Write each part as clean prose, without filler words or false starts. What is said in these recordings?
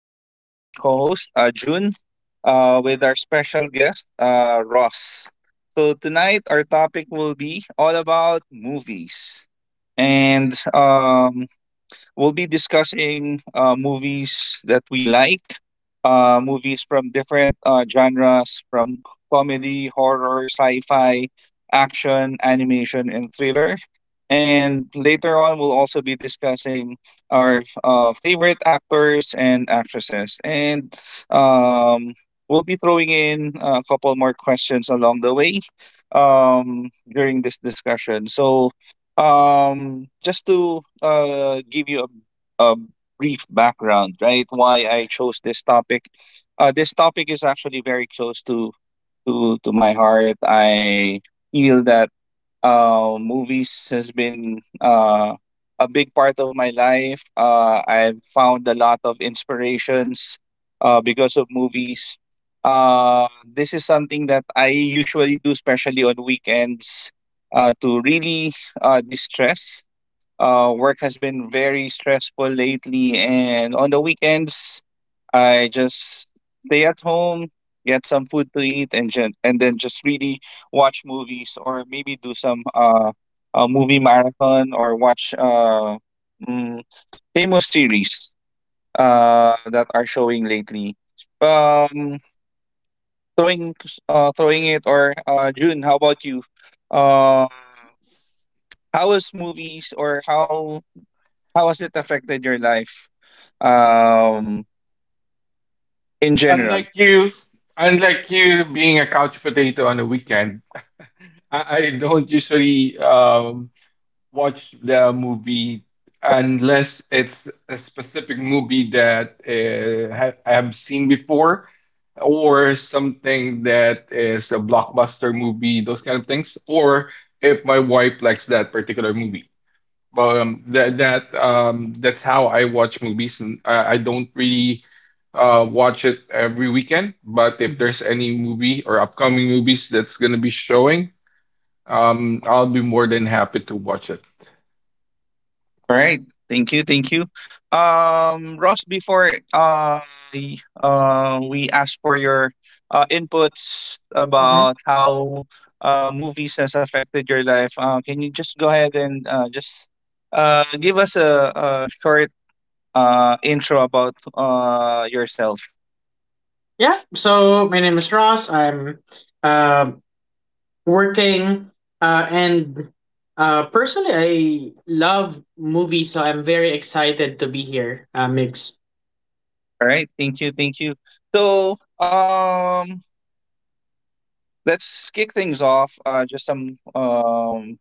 as my co-host, June, with our special guest, Ross. So tonight, our topic will be all about movies, and we'll be discussing movies that we like, movies from different genres, from comedy, horror, sci-fi, action, animation, and thriller. And later on, we'll also be discussing our favorite actors and actresses. And um, we'll be throwing in a couple more questions along the way during this discussion. So, just to give you a brief background, right, why I chose this topic. This topic is actually very close to my heart. I feel that movies has been a big part of my life. I've found a lot of inspirations because of movies. This is something that I usually do, especially on weekends, to really distress. Work has been very stressful lately, and on the weekends, I just stay at home, get some food to eat, and ju- and then just really watch movies or maybe do some a movie marathon or watch mm, famous series that are showing lately. Um, throwing throwing it or June, how about you? Uh, how has movies, or how has it affected your life um, in general? Unlike you, unlike you, being a couch potato on a weekend, I don't usually watch the movie unless it's a specific movie that I have seen before, or something that is a blockbuster movie, those kind of things, or if my wife likes that particular movie. Well, that's how I watch movies, and I don't really watch it every weekend. But if there's any movie or upcoming movies that's gonna be showing, I'll be more than happy to watch it. All right. Thank you. Thank you. Ross, before uh, we ask for your inputs hmm about how movies has affected your life, can you just go ahead and just give us a short intro about yourself? Yeah. So my name is Ross. I'm uh, working, and personally, I love movies, so I'm very excited to be here, Migs. All right. Thank you. Thank you. So um, let's kick things off. Just some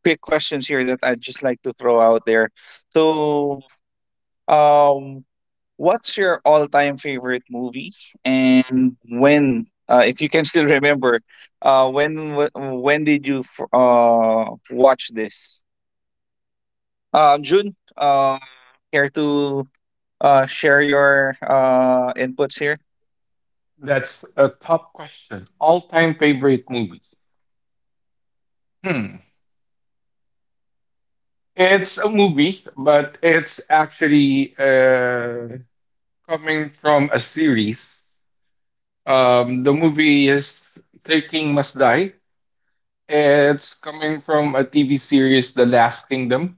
quick questions here that I'd just like to throw out there. So, um, what's your all-time favorite movie, and when, if you can still remember, uh, when did you watch this? June, care to share your inputs here? That's a tough question. All-time favorite movie? Hmm. It's a movie, but it's actually coming from a series. The movie is Three King Must Die. It's coming from a TV series, The Last Kingdom.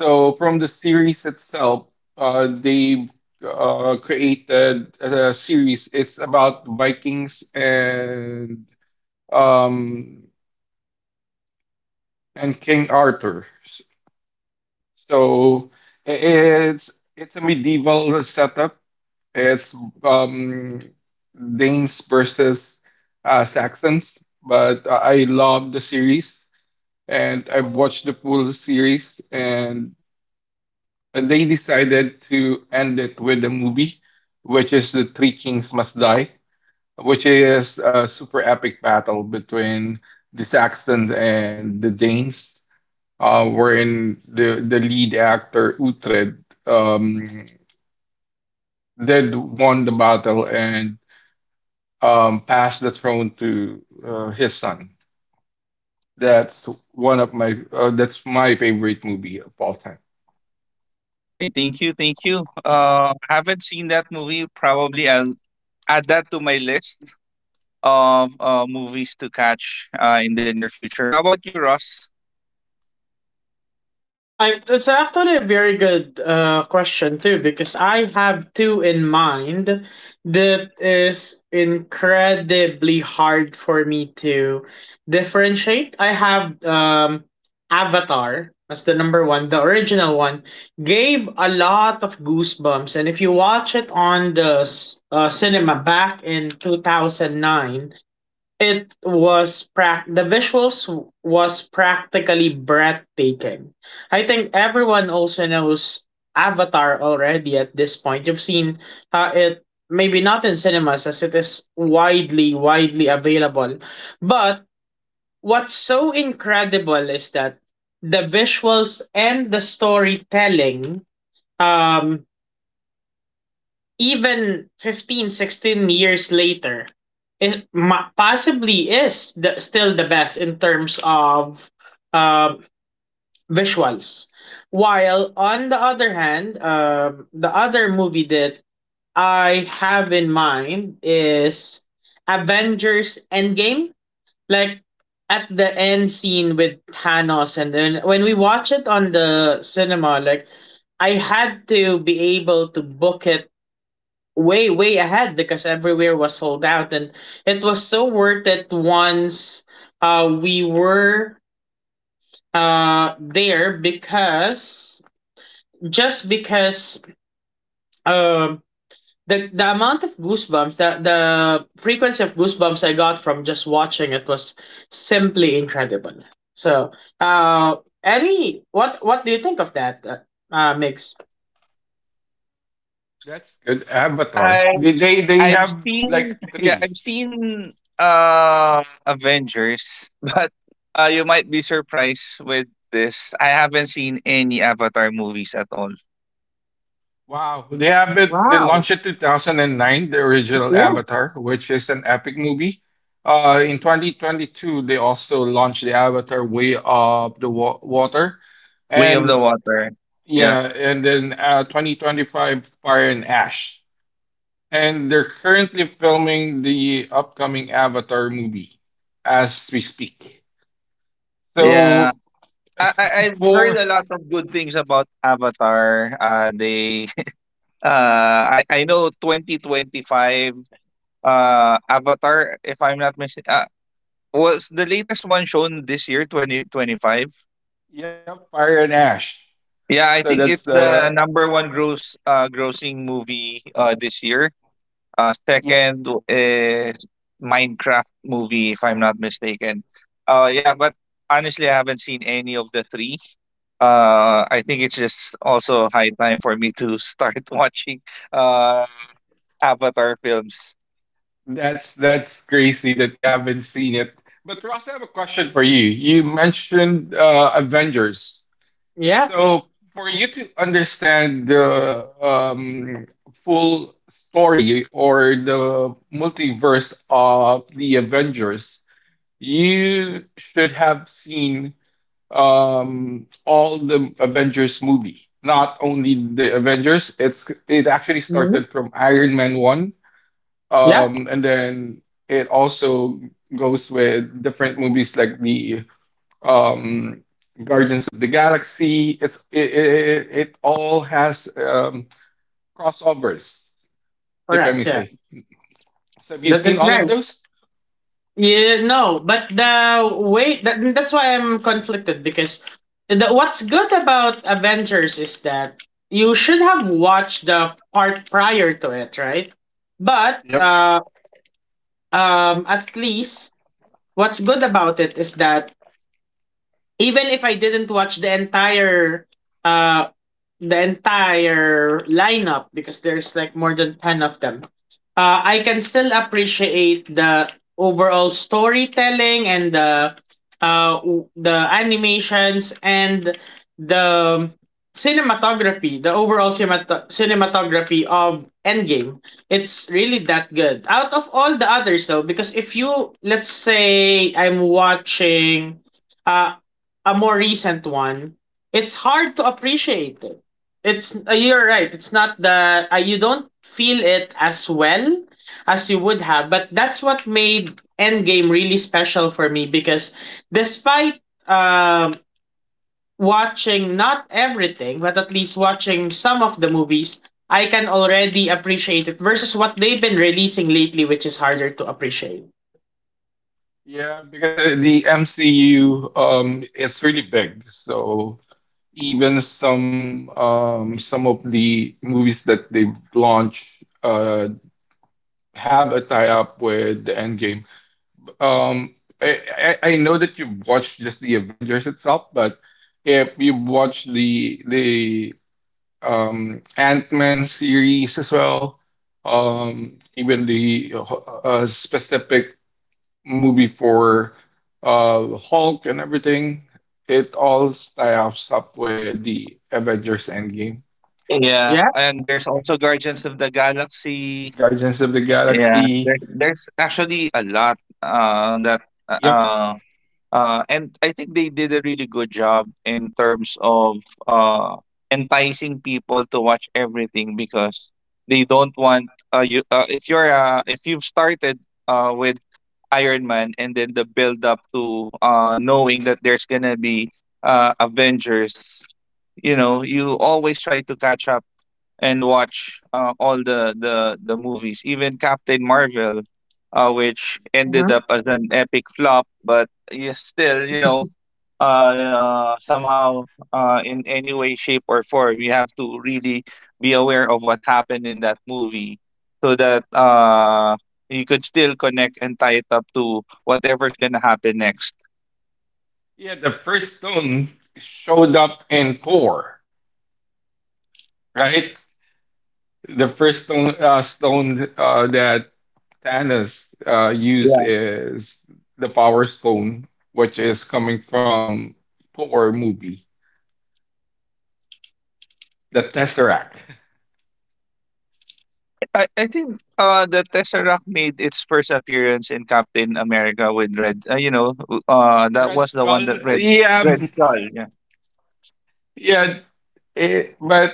So from the series itself, they created a series. It's about Vikings and, um, and King Arthur. So it's a medieval setup. It's, um, Danes versus Saxons, but I love the series, and I've watched the full series, and they decided to end it with a movie, which is The Three Kings Must Die, which is a super epic battle between the Saxons and the Danes, wherein the lead actor, Uhtred, um, did won the battle and, pass the throne to his son. That's one of my that's my favorite movie of all time. All right, thank you, thank you. Haven't seen that movie. Probably I'll add that to my list of movies to catch in the near future. How about you, Ross? It's actually a very good question too, because I have two in mind that is incredibly hard for me to differentiate. I have Avatar as the number one, the original one, gave a lot of goosebumps, and if you watch it on the cinema back in 2009, it was prac the visuals was practically breathtaking. I think everyone also knows Avatar already at this point. You've seen it, maybe not in cinemas, as it is widely widely available. But what's so incredible is that the visuals and the storytelling, um even 15, 16 years later, it possibly is, still, the best in terms of um visuals, while on the other hand, the other movie that I have in mind is Avengers Endgame. Like, at the end scene with Thanos, and then when we watch it on the cinema, like, I had to be able to book it way way ahead because everywhere was sold out, and it was so worth it once we were there, because just because um the amount of goosebumps, the frequency of goosebumps I got from just watching it was simply incredible. So, uh Eddie, what do you think of that, Mix? That's good. Avatar. I've They I've have like seen yeah, three. I've seen Avengers, but you might be surprised with this. I haven't seen any Avatar movies at all. Wow. They have it. They Wow. launched it 2009, the original Yeah. Avatar, which is an epic movie. In 2022, they also launched the Avatar Way of the Wa- Water, Way of and the Water. Yeah, yeah, and then 2025 Fire and Ash. And they're currently filming the upcoming Avatar movie as we speak. yeah. So I I've heard for a lot of good things about Avatar. They I know 2025 Avatar. If I'm not mistaken, was the latest one shown this year, 2025. yep, Fire and Ash. Yeah, I So think that's it's the the number one grossing movie this year. Yep. Second is Minecraft movie, if I'm not mistaken. Yeah, but honestly I haven't seen any of the three. I think it's just also high time for me to start watching uh Avatar films. That's crazy that you haven't seen it. But Ross, I have a question for you. You mentioned Avengers. Yeah. So for you to understand the full story or the multiverse of the Avengers, you should have seen, all the Avengers movie. Not only the Avengers, it actually Mhm. started from Iron Man 1, Yeah, and then it also goes with different movies like the, um, Guardians of the Galaxy. It all has, crossovers, if I correct. may Yeah, say. So have you that seen is all of right. those? Yeah, no, but the way that's why I'm conflicted, because what's good about Avengers is that you should have watched the part prior to it, right? But Yep. At least, what's good about it is that even if I didn't watch the entire uh lineup, because there's like more than 10 of them, I can still appreciate the overall storytelling and the the animations and the cinematography, the overall cinematography of Endgame. It's really that good out of all the others, though, because if you let's say I'm watching uh, a more recent one, it's hard to appreciate it. It's You're right, it's not the. You don't feel it as well as you would have, but that's what made Endgame really special for me because, despite um watching not everything, but at least watching some of the movies, I can already appreciate it versus what they've been releasing lately, which is harder to appreciate. Yeah, because the MCU, um, it's really big. So even some, um, some of the movies that they've launched uh have a tie-up with the Endgame. Um, I know that you've watched just the Avengers itself, but if you've watched the Ant-Man series as well, um, even the specific movie for Hulk and everything, it all ties up with the Avengers Endgame. Yeah, Yeah. and there's also Guardians of the Galaxy. Guardians of the Yeah, there's Galaxy. Actually a lot that Yep. uh, and I think they did a really good job in terms of uh, enticing people to watch everything because they don't want you if you're if you've started with Iron Man, and then the build up to knowing that there's gonna be Avengers, you know, you always try to catch up and watch all the movies, even Captain Marvel, which ended Hmm. up as an epic flop, but you still, you know, somehow, in any way, shape, or form, you have to really be aware of what happened in that movie, so that you could still connect and tie it up to whatever's gonna happen next. Yeah, the first stone showed up in Thor, right? The first stone, that Thanos used is the Power Stone, which is coming from Thor movie, the Tesseract. I think the Tesseract made its first appearance in Captain America with Red. You know, that Red was the one Skull. that Red. Yeah, Red Skull. Yeah. yeah. It, but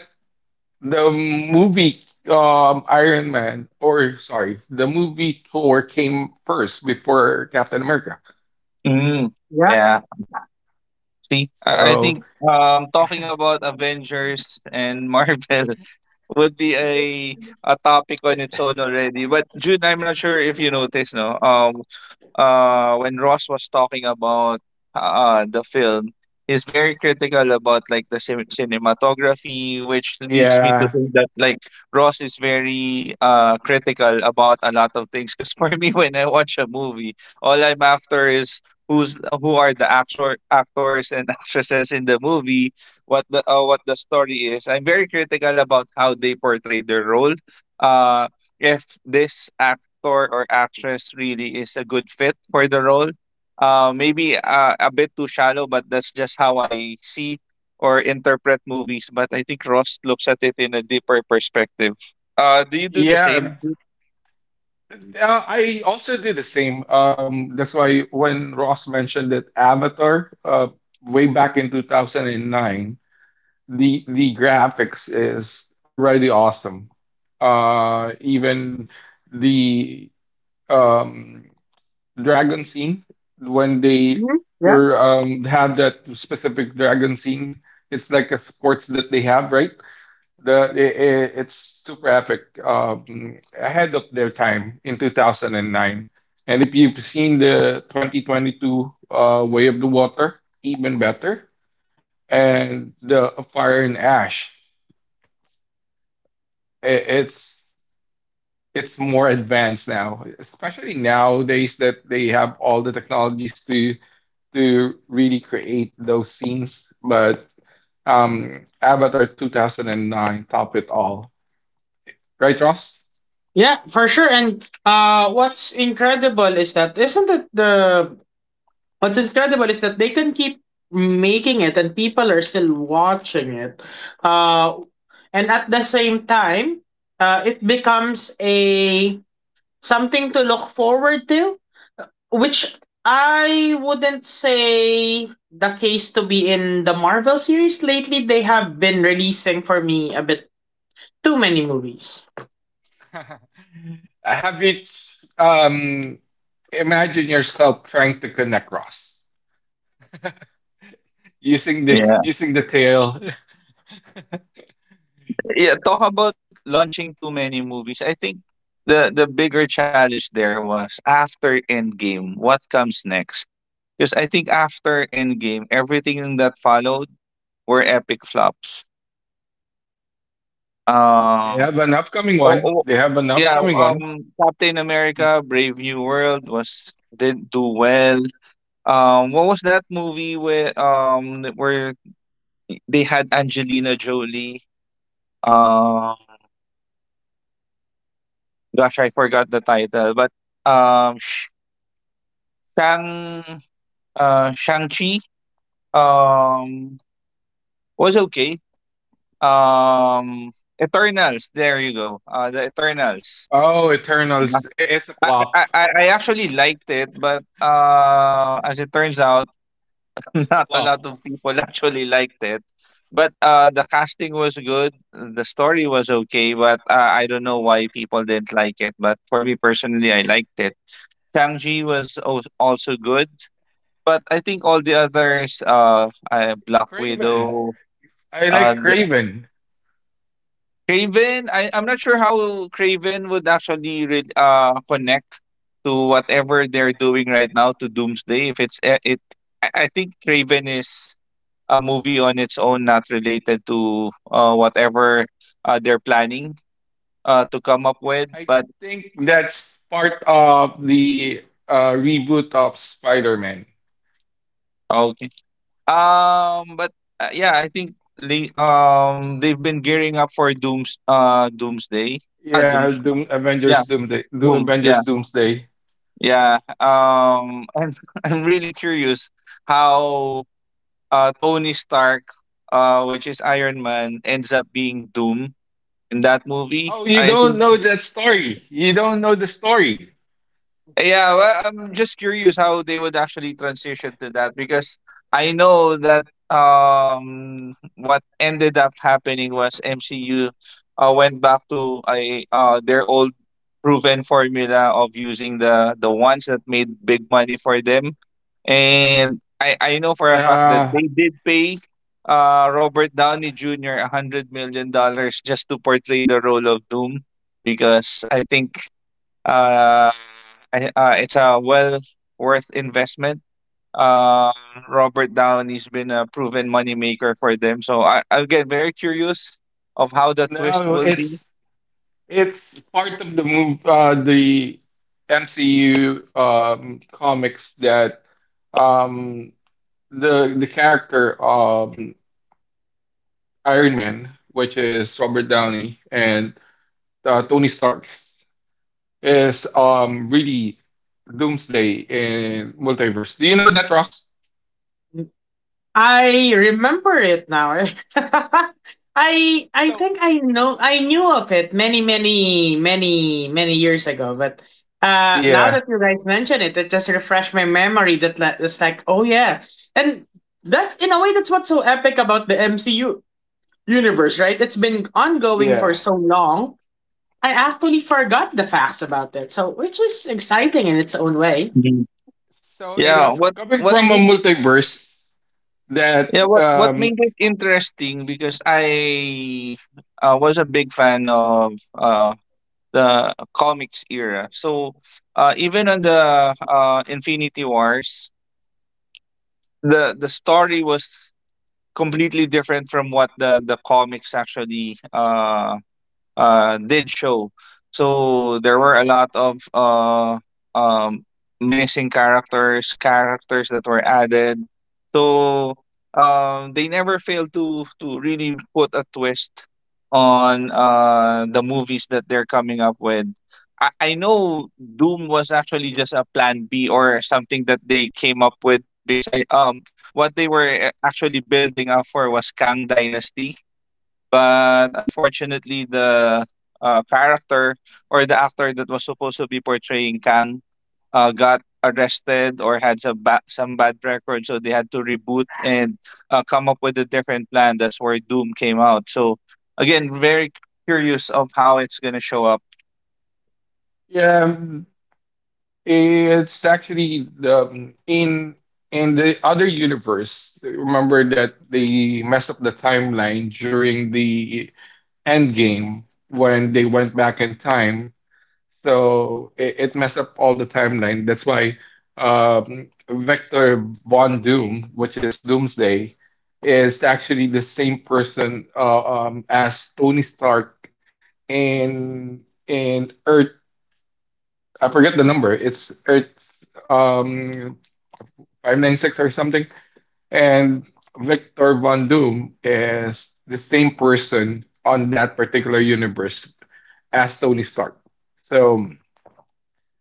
the movie, Iron Man, or sorry, the movie Thor came first before Captain America. Mm, Yeah. yeah. See, I So think talking about Avengers and Marvel would be a topic on its own already. But June, I'm not sure if you noticed, no. When Ross was talking about the film, he's very critical about like the cinematography, which leads me to yeah, think that like Ross is very critical about a lot of things. Because for me, when I watch a movie, all I'm after is who are the actors and actresses in the movie, what the story is. I'm very critical about how they portray their role. Uh, if this actor or actress really is a good fit for the role. Maybe a bit too shallow, but that's just how I see or interpret movies. But I think Ross looks at it in a deeper perspective. Do you do the yeah. same? I also did the same. That's why when Ross mentioned that Avatar, way back in 2009, the graphics is already awesome. Even the, um dragon scene when they Hmm. Yeah. were, um, have that specific dragon scene. It's like a sports that they have, right? It's super epic, ahead of their time in 2009. And if you've seen the 2022 Way of the Water, even better. And the Fire and Ash, i- it's it's more advanced now, especially nowadays that they have all the technologies to really create those scenes, but, Avatar 2009 top it all. Right, Ross? Yeah, for sure. And what's incredible is that isn't it the what's incredible is that they can keep making it and people are still watching it. Uh, and at the same time, it becomes a something to look forward to, which I wouldn't say the case to be in the Marvel series. Lately, they have been releasing for me a bit too many movies. Have you, um, imagine yourself trying to connect Ross Yeah. using the tail. Yeah, talk about launching too many movies. I think the bigger challenge there was after Endgame, what comes next? Because I think after Endgame, everything that followed were epic flops. They Um, have an upcoming Oh, one. oh, They have an yeah, upcoming one. Captain America: Brave New World was didn't do well. What was that movie with that where they had Angelina Jolie? Um, gosh, I forgot the title, but um, Sh- Shang Shang Chi um was okay. Um, Eternals. There you go. The Eternals. Oh, Eternals. I- It's a I, flop. I actually liked it, but as it turns out. It's a Not a flop. lot of people actually liked it, but the casting was good. The story was okay, but I don't know why people didn't like it. But for me personally, I liked it. Shang-Chi was also good, but I think all the others, Black Craven. Widow, I like and Craven. Craven. I'm not sure how Craven would actually connect to whatever they're doing right now to Doomsday. If it's it, I think Craven is a movie on its own, not related to whatever they're planning to come up with. I But think that's part of the reboot of Spider-Man. okay, but yeah, I think they, they've been gearing up for Doomsday. Ah, Yeah, Dooms. uh, Yeah, Avengers Doomsday. Doom. Yeah, Avengers Doomsday. yeah. I'm I'm really curious how Tony Stark, which is Iron Man, ends up being Doom in that movie. Oh, you I. don't know that story. You don't know the story. Yeah, well, I'm just curious how they would actually transition to that because I know that what ended up happening was MCU went back to a their old proven formula of using the ones that made big money for them. And I know for a fact that Nah, they did pay Robert Downey Jr. $100 million just to portray the role of Doom, because I think uh, it's a well worth investment. Um, Robert Downey's been a proven moneymaker for them, so I I'll get very curious of how the twist no, will be. it's it's part of the move, the MCU, comics that, um, the character, Iron Man, which is Robert Downey and Tony Stark, is, really Doomsday in multiverse. Do you know that, Ross? I remember it now. I So think I knew of it many many many many years ago, but now yeah, that you guys mention it, it just refreshed my memory that, it's like, oh yeah. And that's in a way, that's what's so epic about the MCU universe, right? It's been ongoing for yeah. so long. I actually forgot the facts about it, so which is exciting in its own way. Mhm. So Yeah, it's coming from a multiverse that, yeah, what made it interesting, because I was a big fan of the comics era. So even on the Infinity Wars, the story was completely different from what the comics actually did show. So there were a lot of um, missing characters, characters that were added. So they never failed to really put a twist on the movies that they're coming up with. I know Doom was actually just a plan B or something that they came up with, because I what they were actually building up for was Kang Dynasty, but unfortunately the character or the actor that was supposed to be portraying Kang got arrested or had some bad record, so they had to reboot and come up with a different plan. That's where Doom came out. So again, very curious of how it's gonna show up. yeah. It's actually the in the other universe. Remember that they messed up the timeline during the end game when they went back in time. So it messed up all the timeline. That's why, Vector Von Doom, which is Doomsday, is actually the same person as Tony Stark in in Earth. I forget the number. It's um, 596 or something. And Victor Von Doom is the same person on that particular universe as Tony Stark. So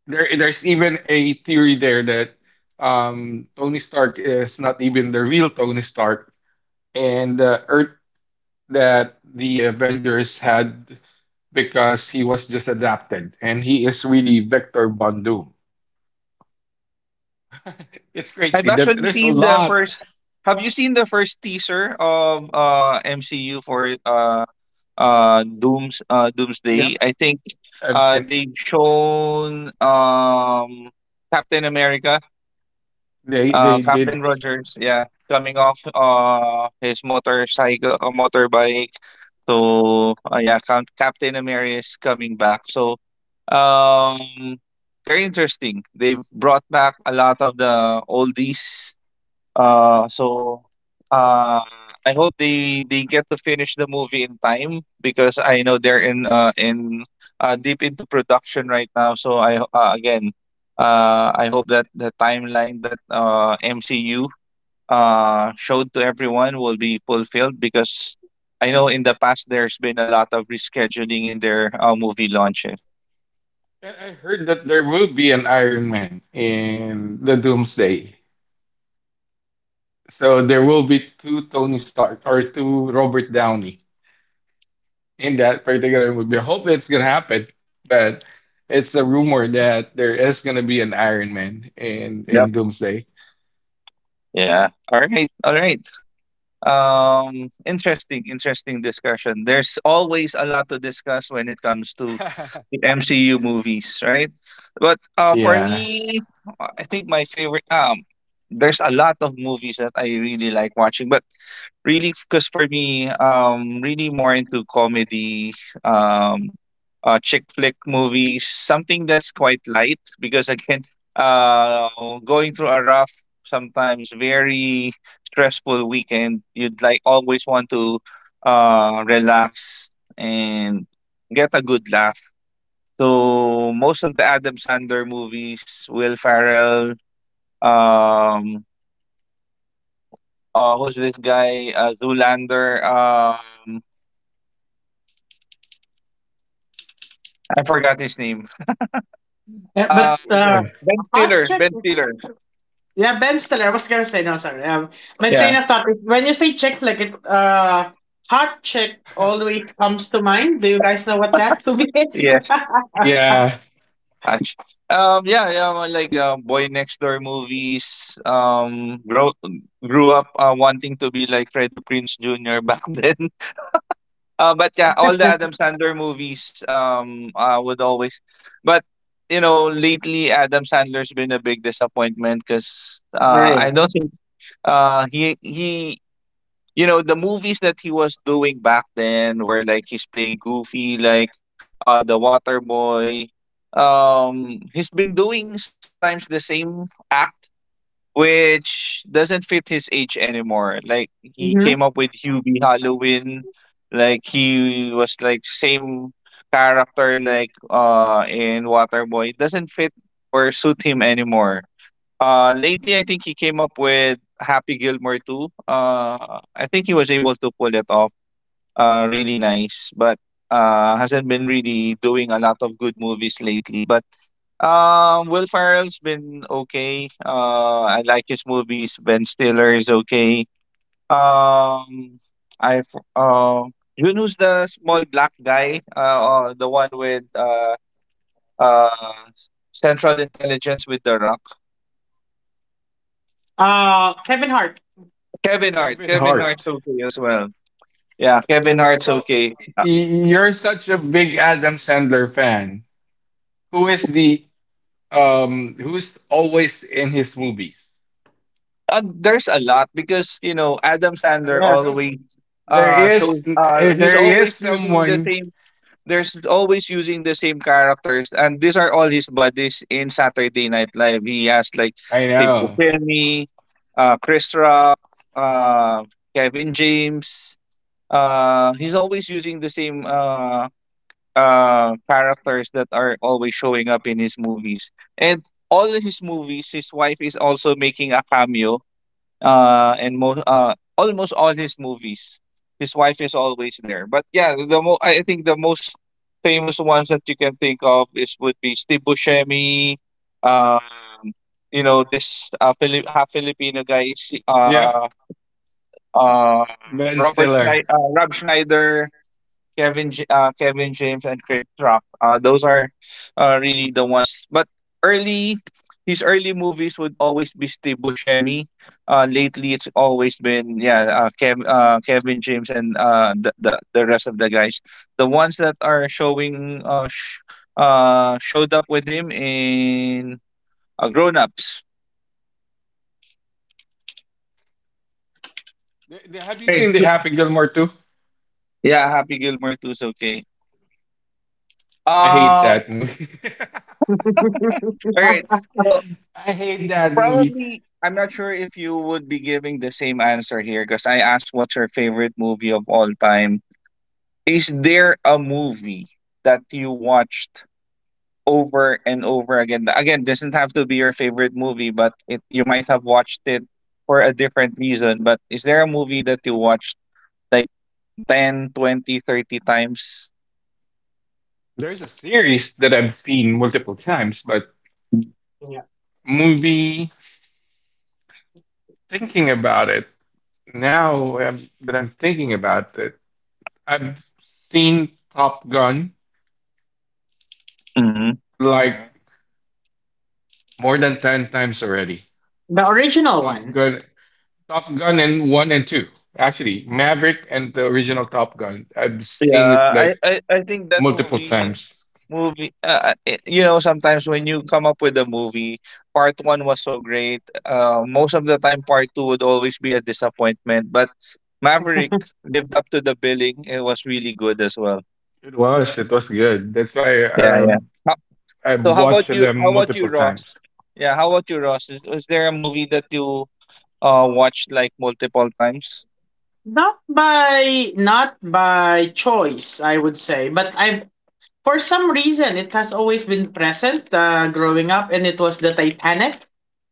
there there's even a theory there that, um, Tony Stark is not even the real Tony Stark, and the Earth that the Avengers had, because he was just adapted and he is really Victor Von Doom. It's crazy I've that actually there's a seen the lot. first. Have you seen the first teaser of MCU for Yep, Doomsday, I think? I've seen. They've shown Captain America, They Captain did. Rogers, yeah, coming off his motorcycle motorbike. So yeah, Captain America is coming back, so um very interesting, they've brought back a lot of the oldies, uh, so uh, I hope they get to finish the movie in time, because I know they're in deep into production right now. So again, I hope that the timeline that MCU showed to everyone will be fulfilled, because I know in the past there's been a lot of rescheduling in their movie launches. And I heard that there will be an Iron Man in the Doomsday. So there will be two Tony Stark or two Robert Downey in that particular movie. I hope it's gonna happen, but it's a rumor that there is gonna be an Iron Man in Yep. Doomsday. Yeah. All right. All right. Interesting, interesting discussion. There's always a lot to discuss when it comes to with MCU movies, right? But for Yeah, me, I think my favorite there's a lot of movies that I really like watching, but really because for me, really more into comedy, um chick flick movies, something that's quite light because again, uh going through a rough sometimes very stressful weekend, you'd like always want to relax and get a good laugh so most of the Adam Sandler movies, Will Ferrell, um, who's this guy? Zoolander. I forgot his name. Yeah, but Uh, which one? Ben hot Stiller. chick is, yeah, Ben Stiller. I was gonna say no, sorry. My train Yeah. of thought is, when you say chick, like, it, hot chick always comes to mind. Do you guys know what that movie is? Yes. Yeah. Actually, well, like Boy Next Door movies. Grow grew up wanting to be like Freddie Prince Jr. back then. But yeah, all the Adam Sandler movies would always, but you know lately Adam Sandler's been a big disappointment because Right. I don't think he you know the movies that he was doing back then were like he's playing goofy like the water boy. He's been doing sometimes the same act which doesn't fit his age anymore. Like he Mm-hmm. came up with Hubie Halloween, like he was like same character like in Waterboy. It doesn't fit or suit him anymore. Lately I think he came up with Happy Gilmore too. I think he was able to pull it off really nice, but hasn't been really doing a lot of good movies lately. But Will Ferrell's been okay. I like his movies. Ben Stiller is okay. Um, I have uh, you know who's the small th- black guy? Uh, the one with uh Central Intelligence with the Rock. Kevin Hart. Kevin Hart. Kevin Kevin Hart's Hart. okay as well. Yeah, Kevin Hart's So okay. Uh, you're such a big Adam Sandler fan. Who is the, who's always in his movies. uh, there's a lot because you know Adam Sandler Yeah. No, always there is shows he's there is always using the someone same there's always using the same characters, and these are all his buddies in Saturday Night Live. He has like I Tibu know. Semi, Chris Rock, uh, Kevin James. He's always using the same characters that are always showing up in his movies, and all his movies, his wife is also making a cameo in most almost all his movies. His wife is always there but yeah I think the most famous ones that you can think of is would be steve buscemi. um you know this Filip half filipino guy is, Yep, uh Ben robert Stiller. Schneider, rob schneider, Kevin James, and Chris Rock. Those are really the ones. But early, his early movies would always be Steve Buscemi. Lately, it's always been yeah, Kevin James and the the rest of the guys. The ones that are showing showed up with him in Grown Ups. Have you Right. seen The Happy Gilmore too? Yeah, Happy Gilmore too is okay. I hate Um, that movie. all right. So I hate that movie. probably, I'm not sure if you would be giving the same answer here because I asked what's your favorite movie of all time. Is there a movie that you watched over and over again? Again, doesn't have to be your favorite movie, but it you might have watched it for a different reason. But is there a movie that you watched like 10, 20, 30 times? There's a series that I've seen multiple times, but Yeah. movie thinking about it now that I'm thinking about it, I've seen Top Gun Hmm. like more than 10 times already. The original Top one. Gun. Top Gun and one and two. Actually, Maverick and the original Top Gun. I've seen it Yeah, like I think that multiple movie. times. Movie you know, sometimes when you come up with a movie, part one was so great. Most of the time, part two would always be a disappointment. But Maverick lived up to the billing. It was really good as well. It was. It was good. That's why, Yeah, yeah. How, so I've how about watched you? How them about you, multiple times. Ross? Yeah, how about you, Ross? Is there a movie that you watched like multiple times? Not by choice, I would say, but I, for some reason, it has always been present growing up, and it was the Titanic.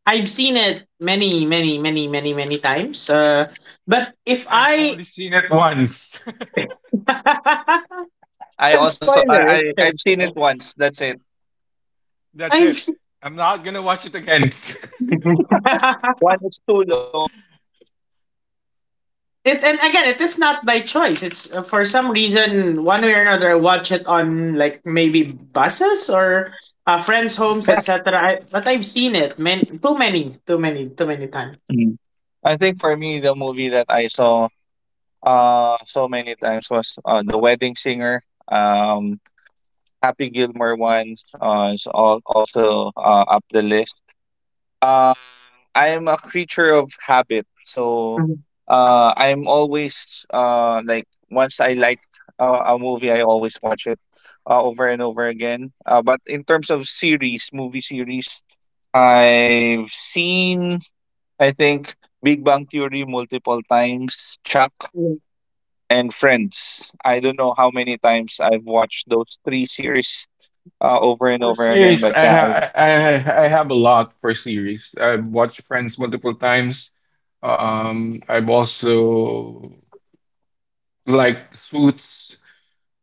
I've seen it many, many, many, many, many times. But if I've I, only seen it once. I and also saw. spoiler, it's, I've seen it once. That's it. That's I've it. seen. I'm not gonna watch it again. One, it's too long. It And again, it is not by choice. It's for some reason, one way or another, I watch it on like maybe buses or friends' homes, etc. But I've seen it, man, too many, too many, too many times. Mm. I think for me, the movie that I saw so many times was the wedding singer. Um, Happy Gilmore once is all, also up the list. Um, I am a creature of habit, so Mhm. I'm always like once I liked a movie, I always watch it over and over again. But in terms of series, movie series, I've seen I think Big Bang Theory multiple times, Chuck and Friends. I don't know how many times I've watched those three series over and For over again, series, but I yeah, ha- I, I have a lot for series. I've watched Friends multiple times. I've also liked Suits.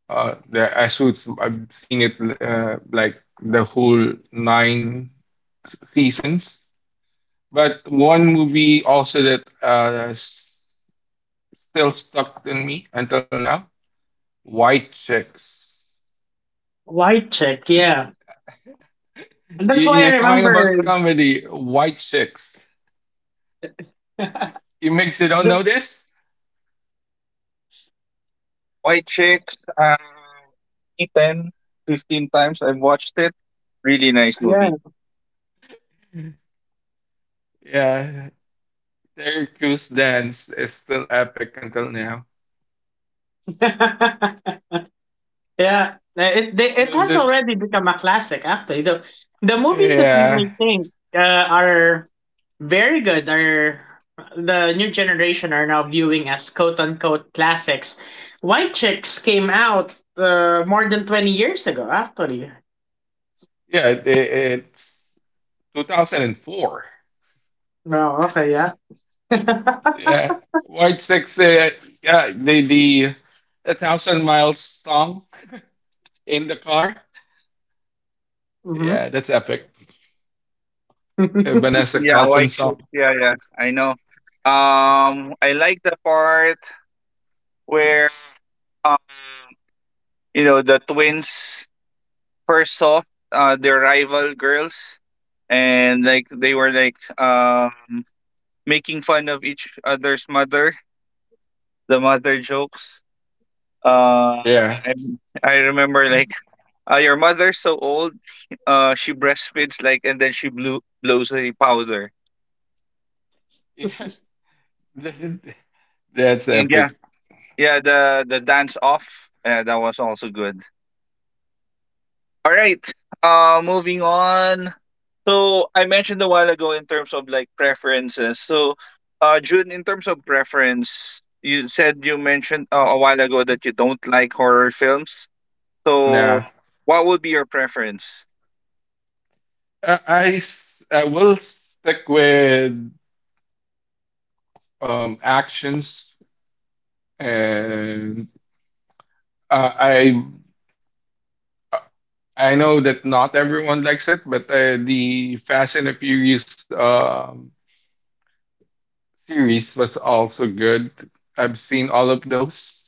The Ashoots, I've seen it like the whole 9 seasons. But one movie also that still stuck in me until now, White Chicks. White chick, yeah. And that's Y- why I You're talking about remember. comedy, White Chicks. You makes you don't the- know this? yeah, White Chicks, 10, 15 times I've watched it. Really nice yeah. movie. Yeah, Terry Crews dance is still epic until now. Yeah. The, It has the, already become a classic, actually. The movies that we may yeah, think are very good are, the new generation are now viewing as quote unquote classics. White Chicks came out more than 20 years ago, actually. yeah, it's 2004. No, okay, yeah. Yeah, White Sticks. Yeah, the a thousand miles song in the car. Mhm. Yeah, that's epic. All right, Vanessa yeah, Carlton White Chicks, song. yeah, yeah, I know. I like the part where um, you know, the twins first saw their rival girls, and like they were like making fun of each other's mother, the mother jokes. Uh, Yeah, I I remember like your mother's so old. She breastfeeds like, and then she blew blows a powder. yeah, that's And yeah, epic. yeah, the dance off. That was also good. All right. Moving on. So I mentioned a while ago in terms of like preferences. So, June, in terms of preference, you said you mentioned a while ago that you don't like horror films. So, Nah, what would be your preference? I will stick with, actions, and uh, I I know that not everyone likes it, but the Fast and the Furious series was also good. I've seen all of those.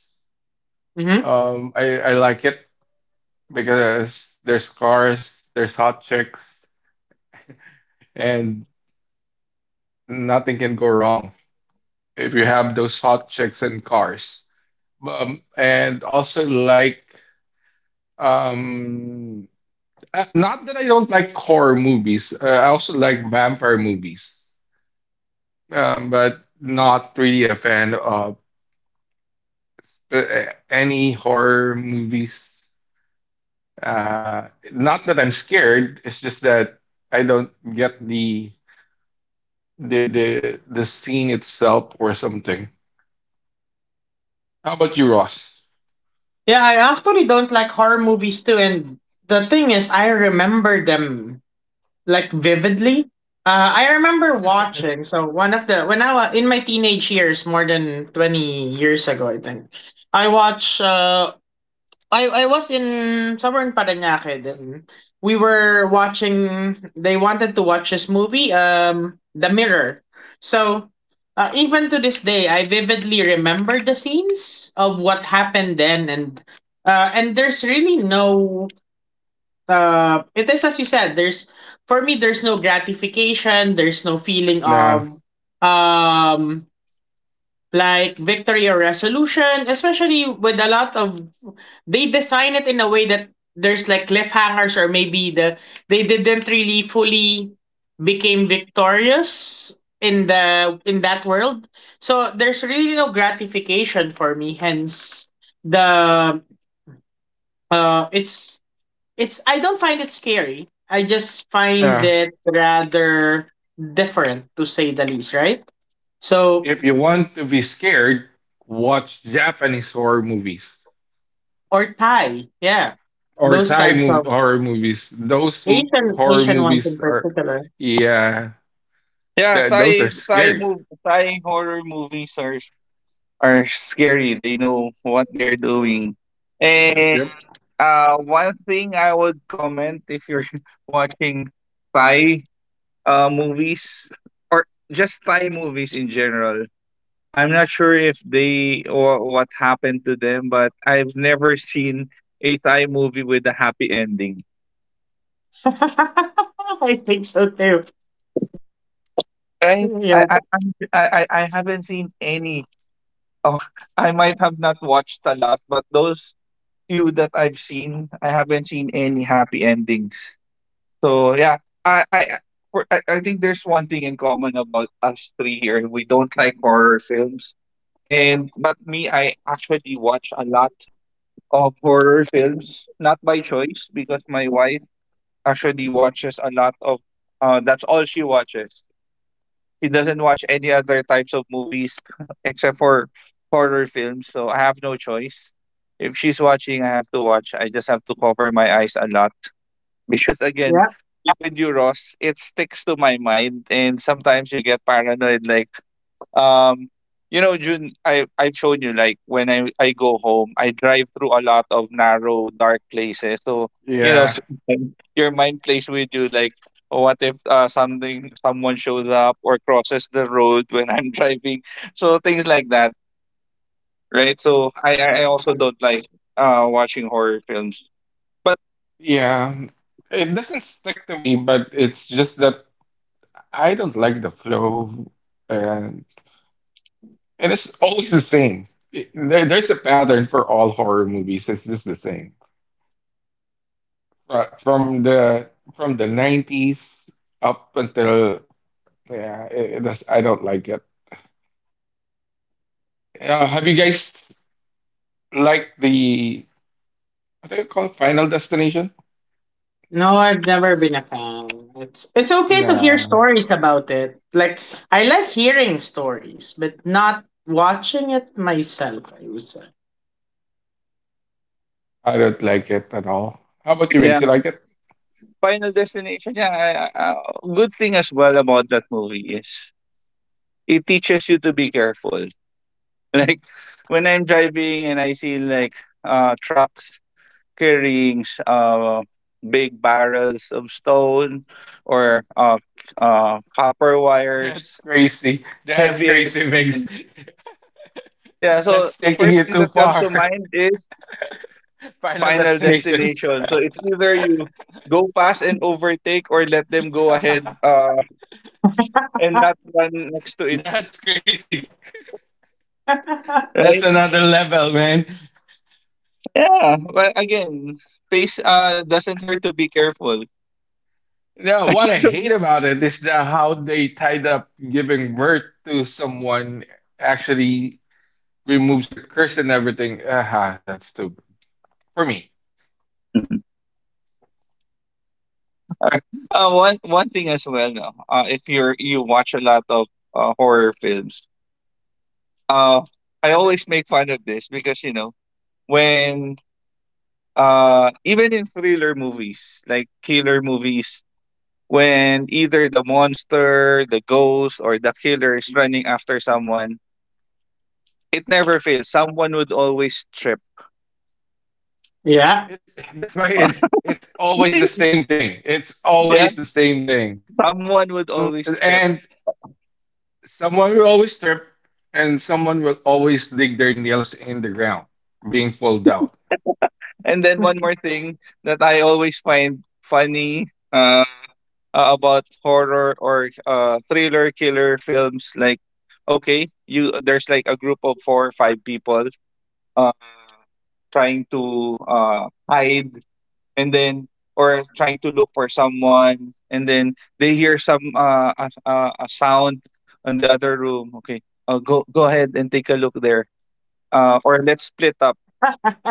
Mhm. I like it because there's cars, there's hot chicks, and nothing can go wrong if you have those hot chicks and cars. And also like, um, not that I don't like horror movies. I also like vampire movies, but not really a fan of uh, any horror movies. Uh, not that I'm scared. It's just that I don't get the the scene itself or something. How about you, Ross? Yeah, I actually don't like horror movies too. And the thing is, I remember them, like, vividly. I remember watching. So one of the when I was in my teenage years, more than 20 years ago, I think I watched I was in somewhere in Parañaque. Then we were watching. They wanted to watch this movie, The Mirror. So, even to this day, I vividly remember the scenes of what happened then, and there's really no. It is as you said. There's, for me, there's no gratification. There's no feeling of Nah, um like victory or resolution, especially with, a lot of they design it in a way that there's like cliffhangers, or maybe they didn't really fully became victorious in the in that world. So there's really no gratification for me. Hence the uh it's it's I don't find it scary. I just find nah. it rather different, to say the least, right? So. If you want to be scared, watch Japanese horror movies Or Thai, yeah. or Those Thai types mov of horror movies. Those horror Asian ones in movies are, particular. yeah, Yeah, that those are scary. Thai horror movies are scary. They know what they're doing. And Yep. One thing I would comment if you're watching Thai movies or just Thai movies in general. I'm not sure if they or what happened to them, but I've never seen a Thai movie with a happy ending. I think so too. Right? Yeah, I I'm- I haven't seen any. Oh, I might have not watched a lot, but those few that I've seen, I haven't seen any happy endings. So yeah, I I I- for, I think there's one thing in common about us three here. We don't like horror films. And but me, I actually watch a lot of horror films, not by choice because my wife actually watches a lot of that's all she watches. He doesn't watch any other types of movies except for horror films. So I have no choice. If she's watching, I have to watch. I just have to cover my eyes a lot because again, yeah. with you, Ross, it sticks to my mind, and sometimes you get paranoid, like um you know, June, I've shown you like when I go home I drive through a lot of narrow dark places so you know Yeah. sometimes your mind plays with you like what if something someone shows up or crosses the road when I'm driving so things like that, right? So Uh, I also don't like watching horror films but yeah. It doesn't stick to me, but it's just that I don't like the flow, and and it's always the same. There's a pattern for all horror movies. It's just the same uh, from the from the '90s up until yeah. It does, I don't like it. Have you guys liked the what do you call it, Final Destination? No, I've never been a fan. It's okay to hear Nah, stories about it. Like, I like hearing stories, but not watching it myself, I would say. I don't like it at all. How about you, yeah, Mix? You like it? final destination, yeah. Good thing as well about that movie is it teaches you to be careful like when I'm driving and I see like trucks carrying big barrels of stone or copper That's wires, crazy. That's heavy crazy, Mix. equipment. Yeah, so That's taking first it thing too that comes to far. mind is Final final Destination. destination. So it's either you go fast and overtake or let them go ahead and not run next to it. That's crazy. That's Right? another level, man. Yeah, but again, space doesn't hurt to be careful. Now, what I hate about it is that how they tied up giving birth to someone actually removes the curse and everything. Ah, that's stupid for me. Uh, one one thing as well, no, if you're you watch a lot of horror films, uh, I always make fun of this because you know when even in thriller movies like killer movies, when either the monster, the ghost, or the killer is running after someone, it never fails. Someone would always trip. Yeah. It's That's my it's always the same thing. It's always Yeah, the same thing. someone would Some always trip. and someone will always trip, and someone will always dig their nails in the ground, being pulled out. And then one more thing that I always find funny. uh, about horror or thriller killer films like, okay, you there's like a group of four or five people uh, trying to hide and then or trying to look for someone and then they hear some a sound on the other room. Okay, go ahead and take a look there or let's split up,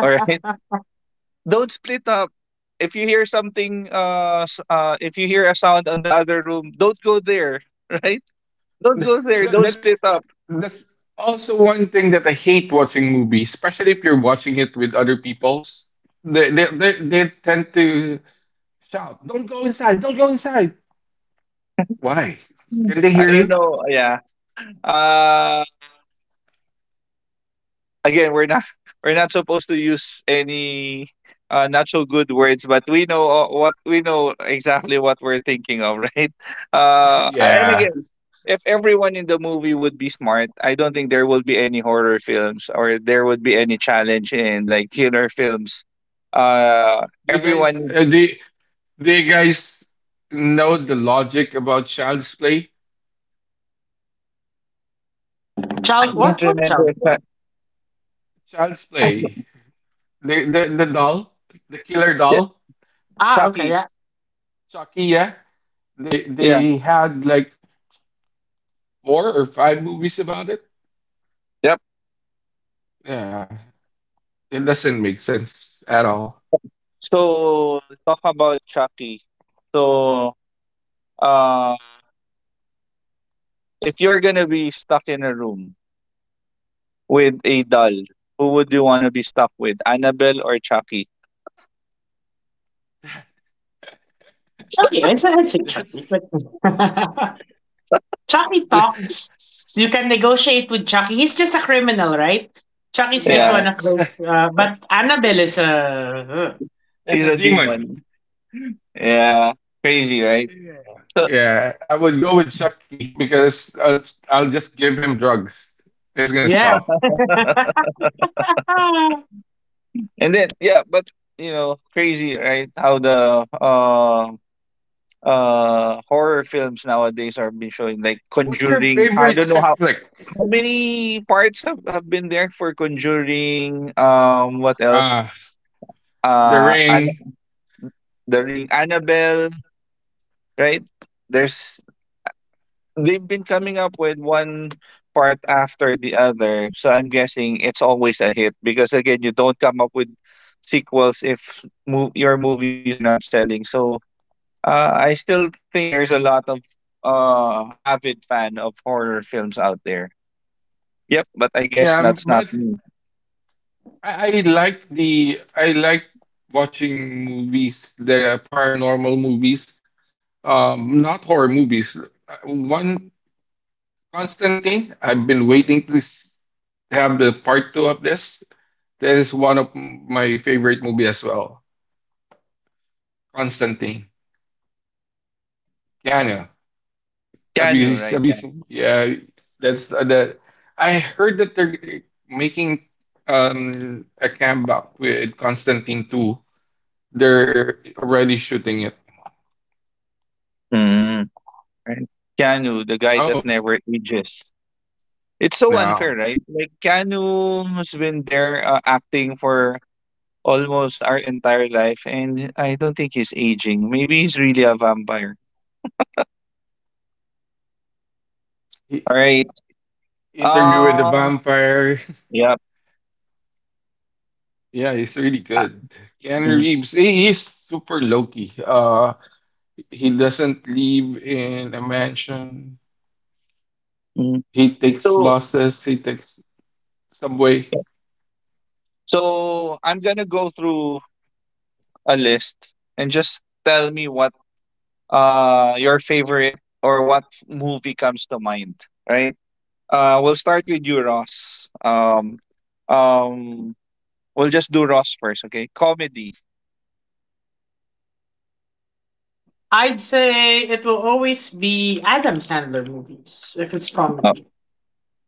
all right. Don't split up. If you hear something if you hear a sound on the other room don't go there right. Don't go there. That, Don't that's split up. that's also one thing that I hate watching movies, especially if you're watching it with other people's. They tend to shout, "Don't go inside! "Don't go inside!" Why? Can they hear I don't you? know. Yeah. Uh again, we're not we're not supposed to use any not so good words, but we know what we know exactly what we're thinking of, right? And Yeah. again, if everyone in the movie would be smart, I don't think there would be any horror films or there would be any challenge in like killer films. Do you guys Everyone do you guys know the logic about Child's Play? I Child, can't what remember child? if Care? that Child's I, Play. The doll, the killer yeah, doll, Ah, okay, Chucky. yeah. Chucky. Yeah. They Yeah. they had like four or five movies about it. Yep. Yeah. It doesn't make sense at all. So talk about Chucky. So uh, if you're gonna be stuck in a room with a doll, who would you wanna be stuck with? Annabelle or Chucky? Chucky, I'd say Chucky, That's, but Chucky talks. You can negotiate with Chucky. He's just a criminal, right? Chucky's just yeah, Yeah. one of it's those. But Annabelle is a, uh, it's He's a a demon. demon. Yeah. Crazy, right? Yeah. So Yeah, I would go with Chucky because I'll just give him drugs. It's gonna yeah. stop. and then yeah, but you know, crazy, right? How the horror films nowadays are been showing like What's your conjuring. I favorite don't know chick how flick? Many parts have been there for conjuring. What else? Uh, The uh Ring. An- the ring, Annabelle, right? there's They've been coming up with one part after the other, so I'm guessing it's always a hit because again, you don't come up with sequels if your movies are not selling. So I still think there's a lot of avid fan of horror films out there. Yep, but I guess Yeah, that's not but me. I like the I like watching movies, the paranormal movies, not horror movies. One Constantine, I've been waiting to have the part two of this. That is one of my favorite movie as well. Constantine, Keanu. Keanu, right, Have you yeah. seen? Yeah, that's the. I heard that they're making a comeback with Constantine 2. They're already shooting it. Mm. Right. Keanu, the guy that Oh, never ages. It's so unfair, no. right? Like Canu's been there acting for almost our entire life, and I don't think he's aging. Maybe he's really a vampire. He, All right. Interview with the Um. Vampire. Yep. Yeah, he's really Ah, good. Keanu mm, Reeves, he's super low-key. He doesn't live in a mansion. mm. He takes So, buses. He takes subway. so I'm gonna go through a list and just tell me what your favorite or what movie comes to mind. Right. We'll start with you, Ross. Um, we'll just do Ross first, okay? Comedy. I'd say it will always be Adam Sandler movies if it's Uh, comedy.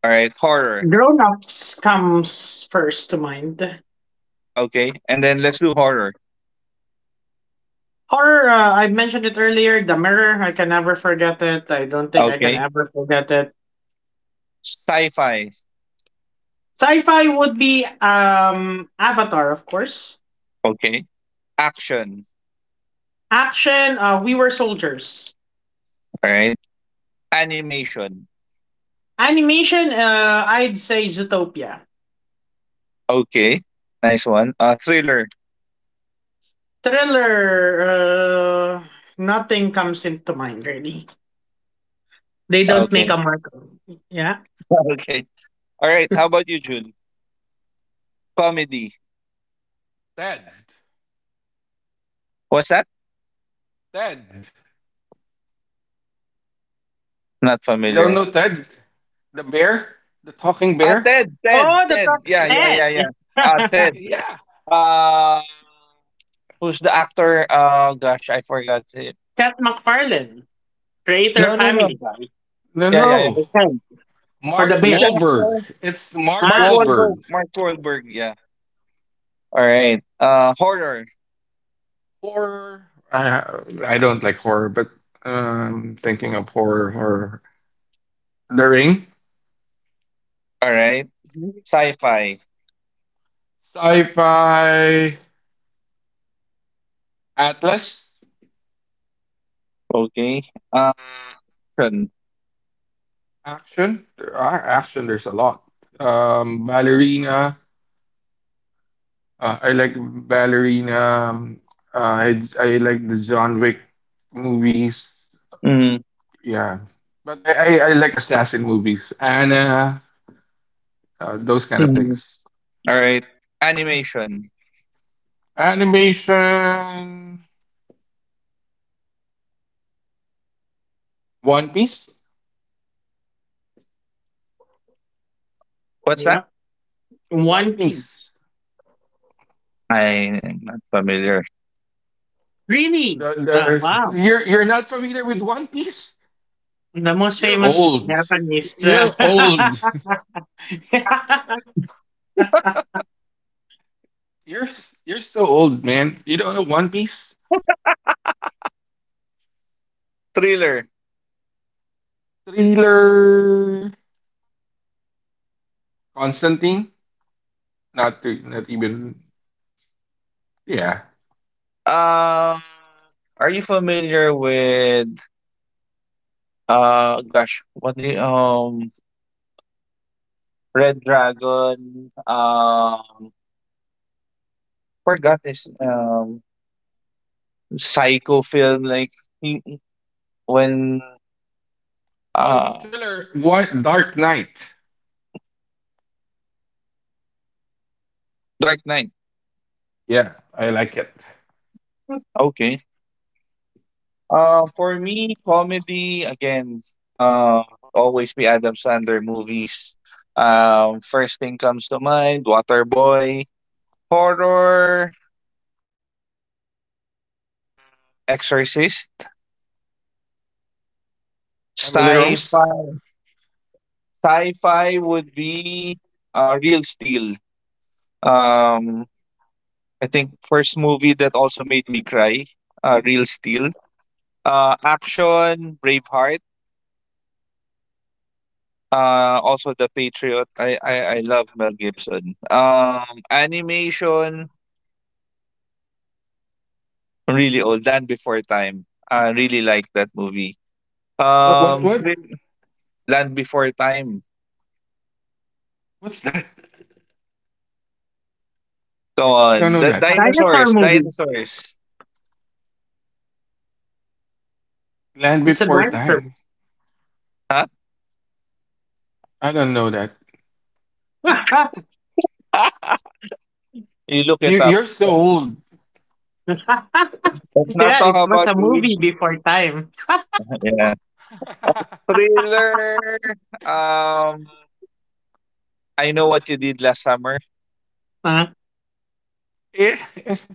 all right, horror. Grown ups comes first to mind. Okay, and then let's do horror. Horror, I mentioned it earlier, The Mirror. I can never forget it. I don't think I can Okay, ever forget it. sci-fi. Sci-fi would be Avatar, of course. Okay, action. Action, We Were Soldiers. All right, animation. Animation, I'd say Zootopia. Okay, nice one. Thriller. Thriller, uh, nothing comes into mind really. They don't Okay. make a mark on it. Yeah. okay. All right. How about you, June? Comedy. Ted. What's that? Ted. Not You don't familiar. know Ted? The bear? The talking Ah, bear? Ted. Ted. Oh, the Ted. top Yeah, yeah, yeah, head. yeah. Ah, Ted. Yeah. Uh, who's the actor? Gosh, I forgot. Seth MacFarlane, creator of No, no, no. Family Guy. No, Yeah, yeah, yeah. no. Okay. For the Mark Who's bear. the Wahlberg. actor? It's Mark Mark Ah. Wahlberg. Wahlberg. Mark Wahlberg. Yeah. All right. Horror. Horror. I I don't like horror, but thinking of horror, The Ring, All right. Mhm. Sci-fi. sci-fi, Atlas, Okay. Uh, action. action. There are action. There's a lot. Ballerina. I like Ballerina. I like the John Wick movies. Mm, Yeah, but I like assassin movies. Anna. Those kind of mm. things. All right. Animation. Animation. One Piece. What's that? Yeah. One One Piece. Piece. I'm not familiar. Really? Oh, The- wow. you're not familiar with One Piece? The most You're famous old. Japanese, You're old. You're you're Thriller. so old, man. You don't know One Piece? Thriller. Thriller Constantine? Not not even yeah. Um, are you familiar with gosh, Red Dragon? Forgot this psycho film like he- when Oh, uh thriller. What, Dark Knight. Dark Knight. Yeah, I like it. Okay. For me, comedy again, uh, always be Adam Sandler movies. First thing comes to mind: Waterboy, horror, uh, Exorcist, Emily Rose? sci-fi. Sci-fi would be Real Steel. Um, I think first movie that also made me cry, Real Steel. Action, Braveheart. Also The Patriot. I love Mel Gibson. Animation really old. Land Before Time. I really like that movie. Um, What? thrill- Land Before Time. What's that? Come I don't on, know the that. dinosaur dinosaurs, movie. dinosaurs. Land It's a Before dinosaur. Time. movie. Huh? I don't know that. you look You it up. you're so old. Let's not Yeah, talk it was about a age. movie before time. Yeah. Thriller. Um, I know what you did last summer. Uh, It-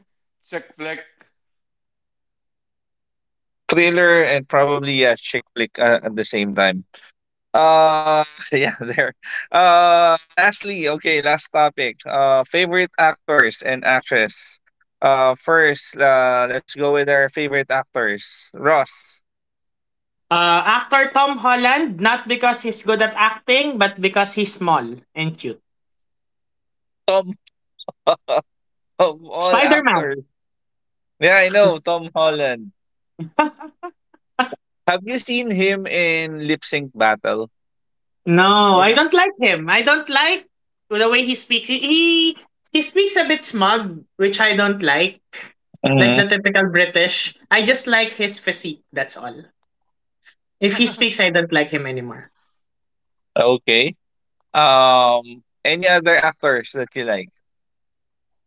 Chick flick. Thriller and probably a chick flick at the same time. Uh, yeah, there. Lastly, okay, last topic. Favorite actors and actress. First, let's go with our favorite actors. Ross, Actor Tom Holland, not because he's good at acting, but because he's small and cute. Tom, of all Spider Man. actors. Yeah, I know Tom Holland. Have you seen him in Lip Sync Battle? No, Yeah. I don't like him. I don't like the way he speaks. He speaks a bit smug, which I don't like. Like Hmm. the typical British. I just like his physique, that's all. If he speaks, I don't like him anymore. Okay. Any other actors that you like?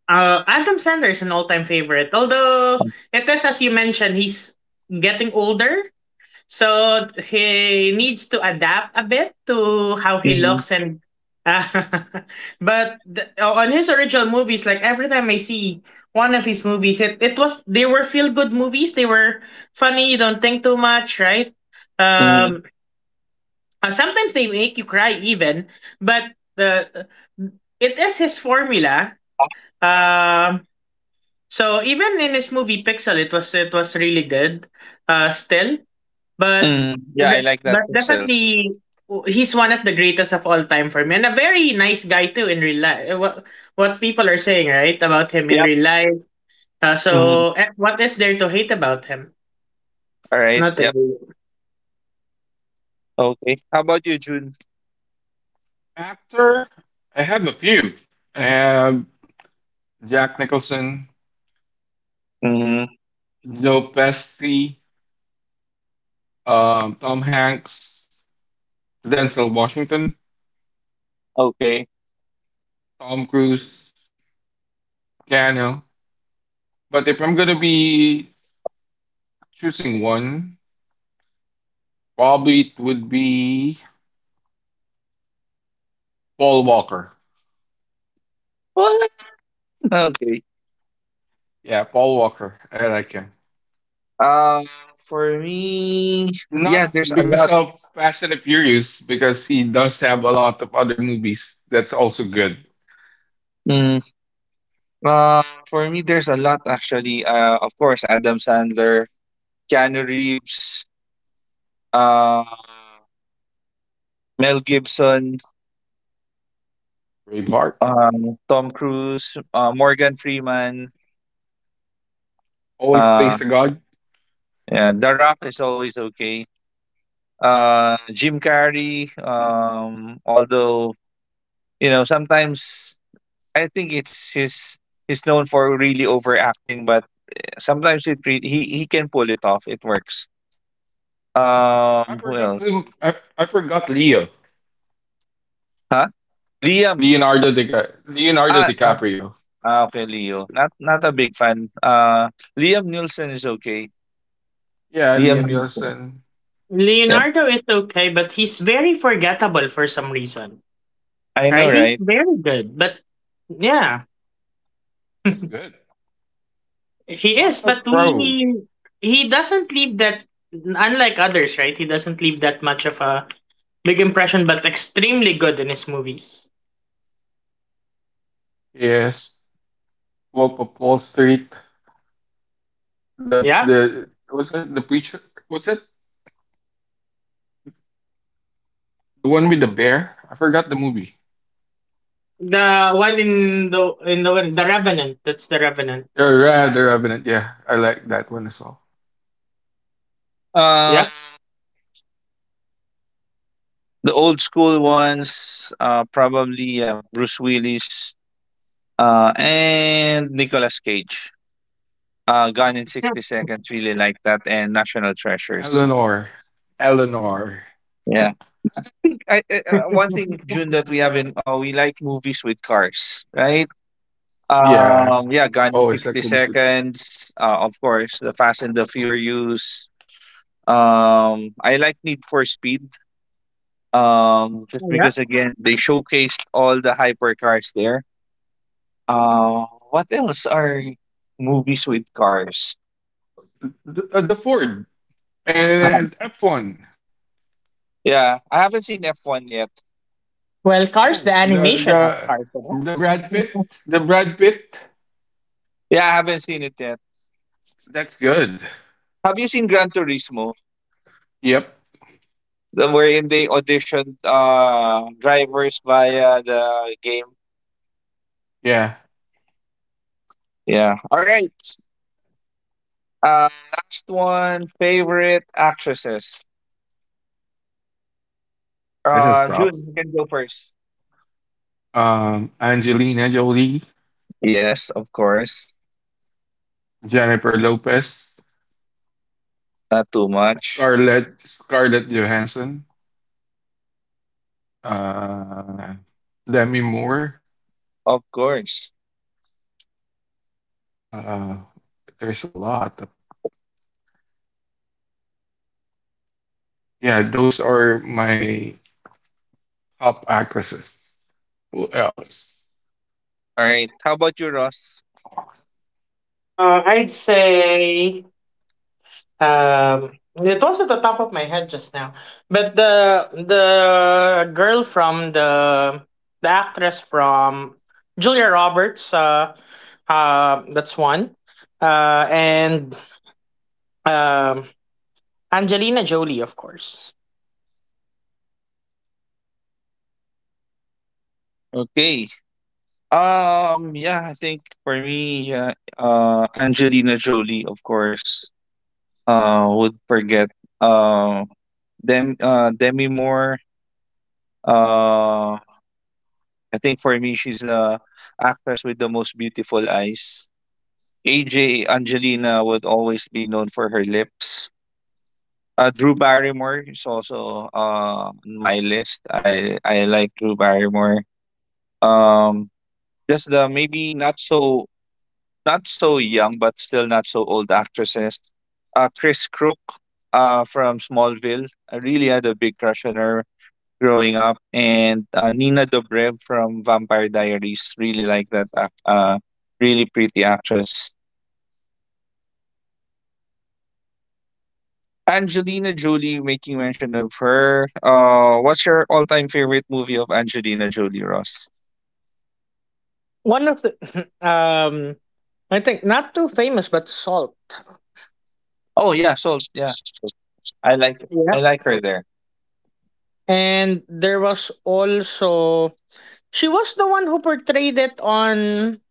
Adam Sandler is an all-time favorite. Although it is, as you mentioned, he's getting older. So he needs to adapt a bit to how he Mm-hmm. looks, and uh, but on his original movies, like every time I see one of his movies, it was they were feel good movies. They were funny, you don't think too much, right? um Sometimes they make you cry, even. But the it is his formula. um so even in his movie Pixel, it was, really good. Still. But Mm-hmm. Yeah, I the like that but pixels. definitely, he's one of the greatest of all time for me, and a very nice guy too in real life. What people are saying, right, about him in Yep. real life. Mhm. So, what is there to hate about him? All right. Nothing. Yep. Okay. How about you, June? Actor, I have a few. I have Jack Nicholson, Mm-hmm. Joe Pesci, Tom Hanks, Denzel Washington, Okay. Tom Cruise, Keanu. But if I'm gonna be choosing one, probably it would be Paul Walker. Well, okay. Yeah, Paul Walker. I like him. Um, for me, yeah, Not there's a because lot. of Fast and the Furious, because he does have a lot of other movies that's also good. Mm. Uh, for me, there's a lot actually. Of course, Adam Sandler, Keanu Reeves, uh, Mel Gibson, Braveheart Tom Cruise, Morgan Freeman. always plays Uh, the god. yeah, The Rock is always okay. Jim Carrey. Although sometimes I think it's his. He's known for really overacting, but sometimes he can pull it off. It works. I Who forgot the else? I, I forgot Leo. Huh? Liam. Leonardo Ah, ah, DiCaprio. Okay, Leo. Not a big fan. Liam Nielsen is okay. Yeah, Liam Liam Nielsen. Neeson. Yep, Leonardo is okay, but he's very forgettable for some reason. I know, Right? He's right? very good, but yeah, It's good. he is. Russell But Crowe. we he doesn't leave that, unlike others, right? He doesn't leave that much of a big impression, but extremely good in his movies. Yes. Wolf of Wall Street. Yeah, The was it the preacher was it? The one with the bear? I forgot the movie. the one in The Revenant. That's The Revenant. Yeah, the Revenant, yeah. I like that one as well. Um, Yeah, the old school ones. Probably Bruce Willis. And Nicolas Cage. Gone in 60 seconds. Really like that, and National Treasures. Eleanor. Eleanor. Yeah. One thing, June, that we have in we like movies with cars, right? Yeah. Oh, Yeah, it's Gone like in movies with 60 seconds. Of course, the Fast and the Furious. I like Need for Speed. Just yeah. because again they showcased all the hypercars there. Uh, what else are movies with cars? The Ford Uh, and F1. Yeah, I haven't seen F one yet. Well, Cars, Oh, the animation has cars in the it. Brad Pitt, the Brad Pitt. Yeah, I haven't seen it yet. That's good. Have you seen Gran Turismo? Yep. Wherein they auditioned drivers via the game. Yeah. Yeah. All right. Uh, last one. Favorite actresses. This is top. June, you can go first. Angelina Jolie, Yes, of course. Jennifer Lopez, Not too much. Scarlett Johansson, uh, Demi Moore. Of course. Uh, there's a lot. Of, yeah, those are my top actresses. Who else? All right. How about you, Ross? I'd say, um, it was at the top of my head just now, but the actress from, Julia Roberts. That's one. And um, Angelina Jolie, of course. Okay. Yeah. I think for me, Angelina Jolie, of course. Would forget. Uh, Demi Moore. Uh, I think for me, she's the actress with the most beautiful eyes. AJ Angelina would always be known for her lips. Drew Barrymore is also on my list. I like Drew Barrymore. Um, just the maybe not so young but still not so old actresses. Chris Crook from Smallville. I really had a big crush on her growing up, and Nina Dobrev from Vampire Diaries. Really like that. Really pretty actress. Angelina Jolie, making mention of her. What's your all-time favorite movie of Angelina Jolie, Ross? One of the um I think not too famous, but Salt. Oh yeah, I like Yeah. I like her there. And there was also, she was the one who portrayed it on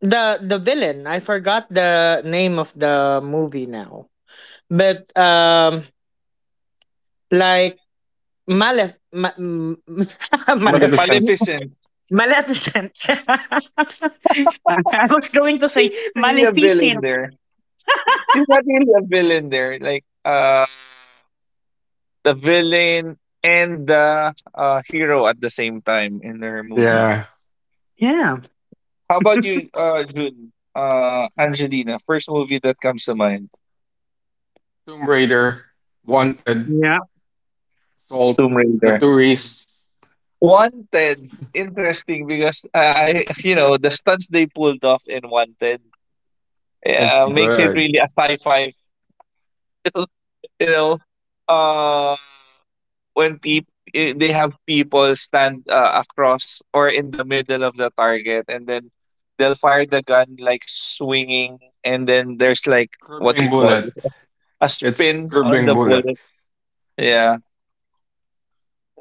the villain. I forgot the name of the movie now. But like, Malef Ma- m- Malef Maleficent. Maleficent. Maleficent. I was going to say She's not really a villain Maleficent. there. She's not really a villain there. Like the villain and the hero at the same time in her movie. Yeah. Yeah. How about you, June? Angelina, first movie that comes to mind, Tomb Raider, Wanted. Yeah. Salt, Tomb the Raider. tourists, Wanted, interesting because you know, the stunts they pulled off in Wanted, it's yeah, makes it good. really a sci-fi film. You know, uh, when people they have people stand across or in the middle of the target, and then they'll fire the gun like swinging, and then there's like what you Curbing call Bullet, this, a it's spin on Curbing the Bullet. bullet. Yeah.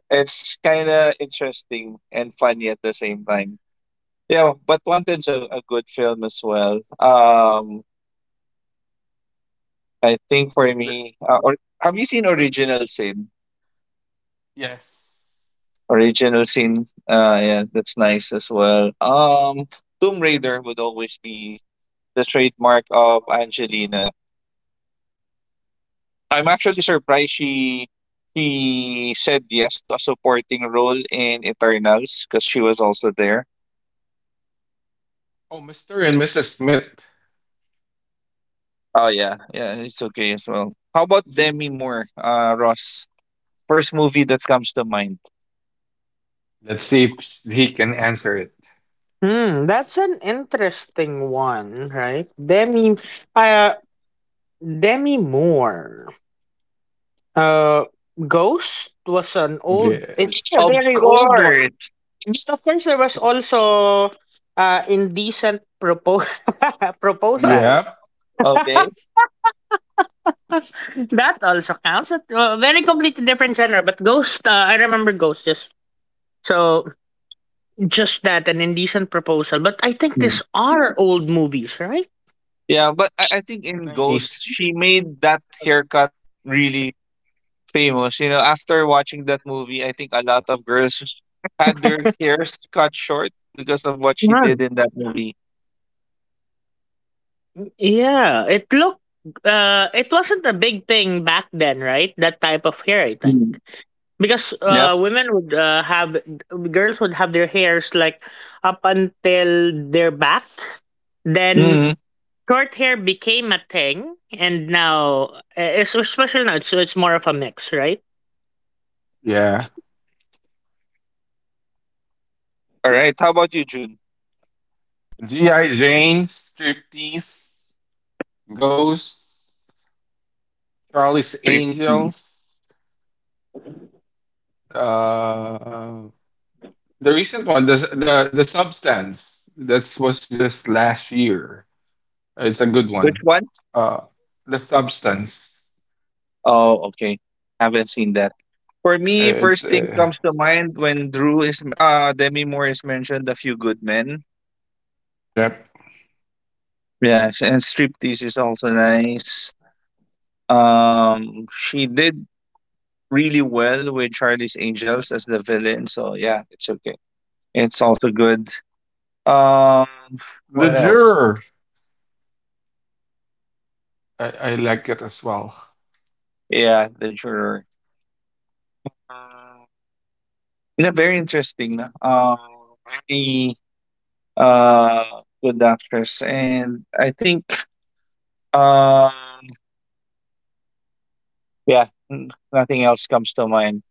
It's kind of interesting and funny at the same time. Yeah, but Wanted's a good film as well. I think for The- me, or have you seen Original Sin? yes. Original Sin, yeah, that's nice as well. Tomb Raider would always be the trademark of Angelina. I'm actually surprised she said yes to a supporting role in Eternals because she was also there. Oh, Mr. and Mrs. Smith. Oh yeah, yeah, it's okay as well. How about Demi Moore, Ross? First movie that comes to mind. Let's see if he can answer it. Hmm, that's an interesting one, right? Uh, Demi Moore. Uh, Ghost was an old. Yes. It's a Of very old one. course. But of course, there was also, indecent proposal. Yeah. Okay. That also counts. Very completely different genre, but Ghost. I remember Ghost, just, so that, an indecent proposal. But I think Mm. these are old movies, right? Yeah, but I think in Ghost, 90s. she made that haircut really famous. You know, after watching that movie, I think a lot of girls had their hairs cut short because of what she Yeah. did in that movie. Yeah, it looked it wasn't a big thing back then, right? That type of hair, I think. Mm. Because Yep. Women would have girls would have their hairs like up until their back. Then Mhm. short hair became a thing, and now, it's especially now, it's more of a mix, right? Yeah. All right. How about you, June? G.I. Jane, Striptease, Ghost, Charlie's Three. Mm. Angels, uh, the recent one, the Substance. That was just last year. It's a good Which one. one? Uh, the Substance. Oh, okay. Haven't seen that. For me, It's first thing comes to mind when Drew is Demi Moore is mentioned, A Few Good Men. yep. Yes, and Striptease is also nice. She did really well with Charlie's Angels as the villain, so yeah, it's okay. It's also good. Um, The what else? Juror. I like it as well. Yeah, The Juror. Uh, yeah, very interesting. Very uh good actress, and I think Um, yeah, nothing else comes to mind.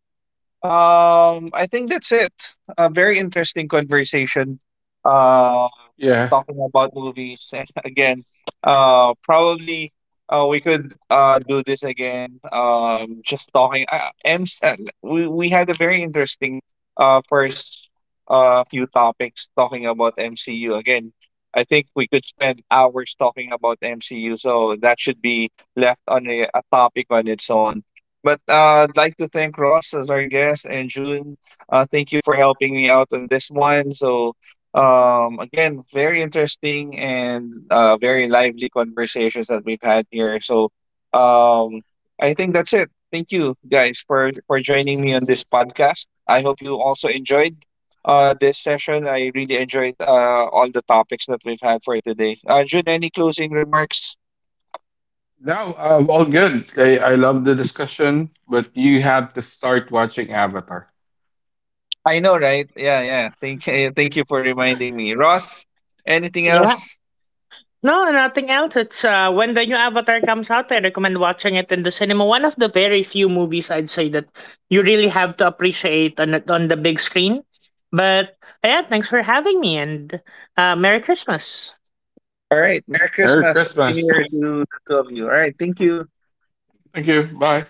I think that's it. A very interesting conversation. Um, Yeah. talking about movies. And again, probably we could do this again. We had a very interesting first few topics talking about MCU. Again, I think we could spend hours talking about MCU. So that should be left on a topic on its own. But I'd like to thank Ross as our guest and June. Thank you for helping me out on this one. So again, very interesting and very lively conversations that we've had here. So, um, I think that's it. Thank you guys for joining me on this podcast. I hope you also enjoyed this session. I really enjoyed all the topics that we've had for today. June, any closing remarks? No, well, good. I love the discussion, but you have to start watching Avatar. I know, right? Yeah, yeah. Thank you, thank you for reminding me, Ross. Anything Yeah. else? No, nothing else. It's When the new Avatar comes out, I recommend watching it in the cinema. One of the very few movies, I'd say, that you really have to appreciate on the big screen. But yeah, thanks for having me, and Merry Christmas. All right. Merry Merry Christmas. Happy New Year to Christmas. the two of you. All right. Thank you. Thank you. Bye.